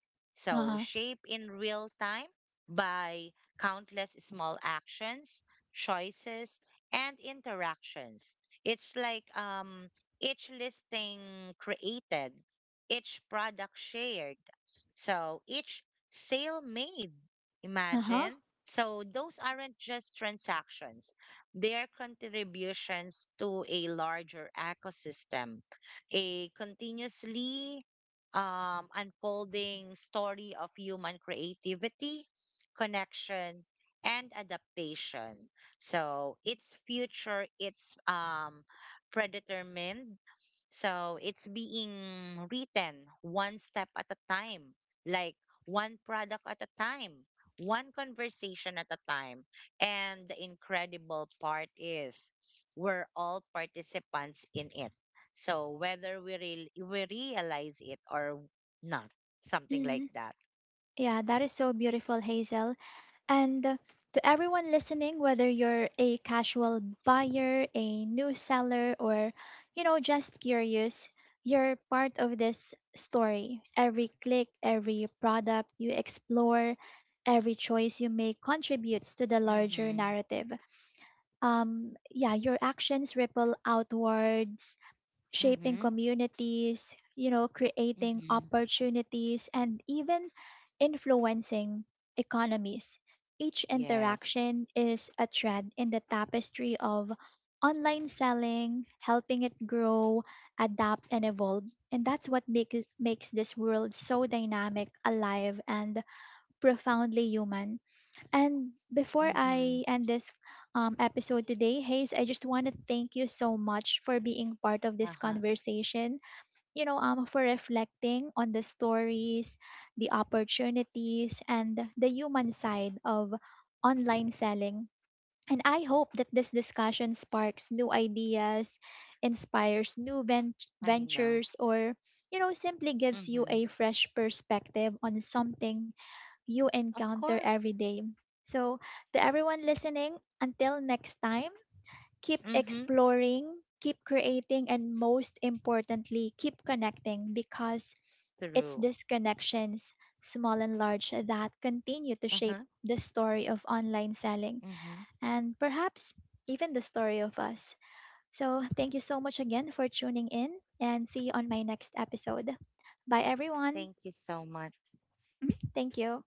S1: Uh
S2: So
S1: huh.
S2: shaped in real time by countless small actions, choices, and interactions. It's like each listing created, each product shared, so each sale made.
S1: Uh huh.
S2: Imagine. So those aren't just transactions, they are contributions to a larger ecosystem, a continuously unfolding story of human creativity, connection, and adaptation. So its future, its predetermined. So it's being written one step at a time, like one product at a time, one conversation at a time. And the incredible part is we're all participants in it. So whether we realize it or not, something like
S1: Mm.
S2: that.
S1: Yeah, that is so beautiful, Hazel. And to everyone listening, whether you're a casual buyer, a new seller, or, you know, just curious, you're part of this story. Every click, every product you explore, every choice you make contributes to the larger
S2: Mm-hmm.
S1: narrative. Yeah, your actions ripple outwards, shaping
S2: Mm-hmm.
S1: communities, you know, creating
S2: Mm-hmm.
S1: opportunities, and even influencing economies. Each
S2: Yes.
S1: interaction is a thread in the tapestry of online selling, helping it grow, adapt, and evolve. And that's what makes this world so dynamic, alive, and profoundly human. And before
S2: Mm-hmm.
S1: I end this episode today, Hayes, I just want to thank you so much for being part of this
S2: Uh-huh.
S1: conversation. You know, for reflecting on the stories, the opportunities, and the human side of online selling. And I hope that this discussion sparks new ideas, inspires new
S2: I know.
S1: ventures, or, you know, simply gives you
S2: Mm-hmm.
S1: a fresh perspective on something you
S2: Of
S1: encounter
S2: course.
S1: every day. So, to everyone listening, until next time, keep
S2: Mm-hmm.
S1: exploring, keep creating, and most importantly, keep connecting because it's
S2: Through,
S1: these connections, small and large, that continue to shape
S2: uh-huh.
S1: the story of online selling
S2: Mm-hmm.
S1: and perhaps even the story of us. So, thank you so much again for tuning in and see you on my next episode. Bye, everyone.
S2: Thank you so much.
S1: Thank you.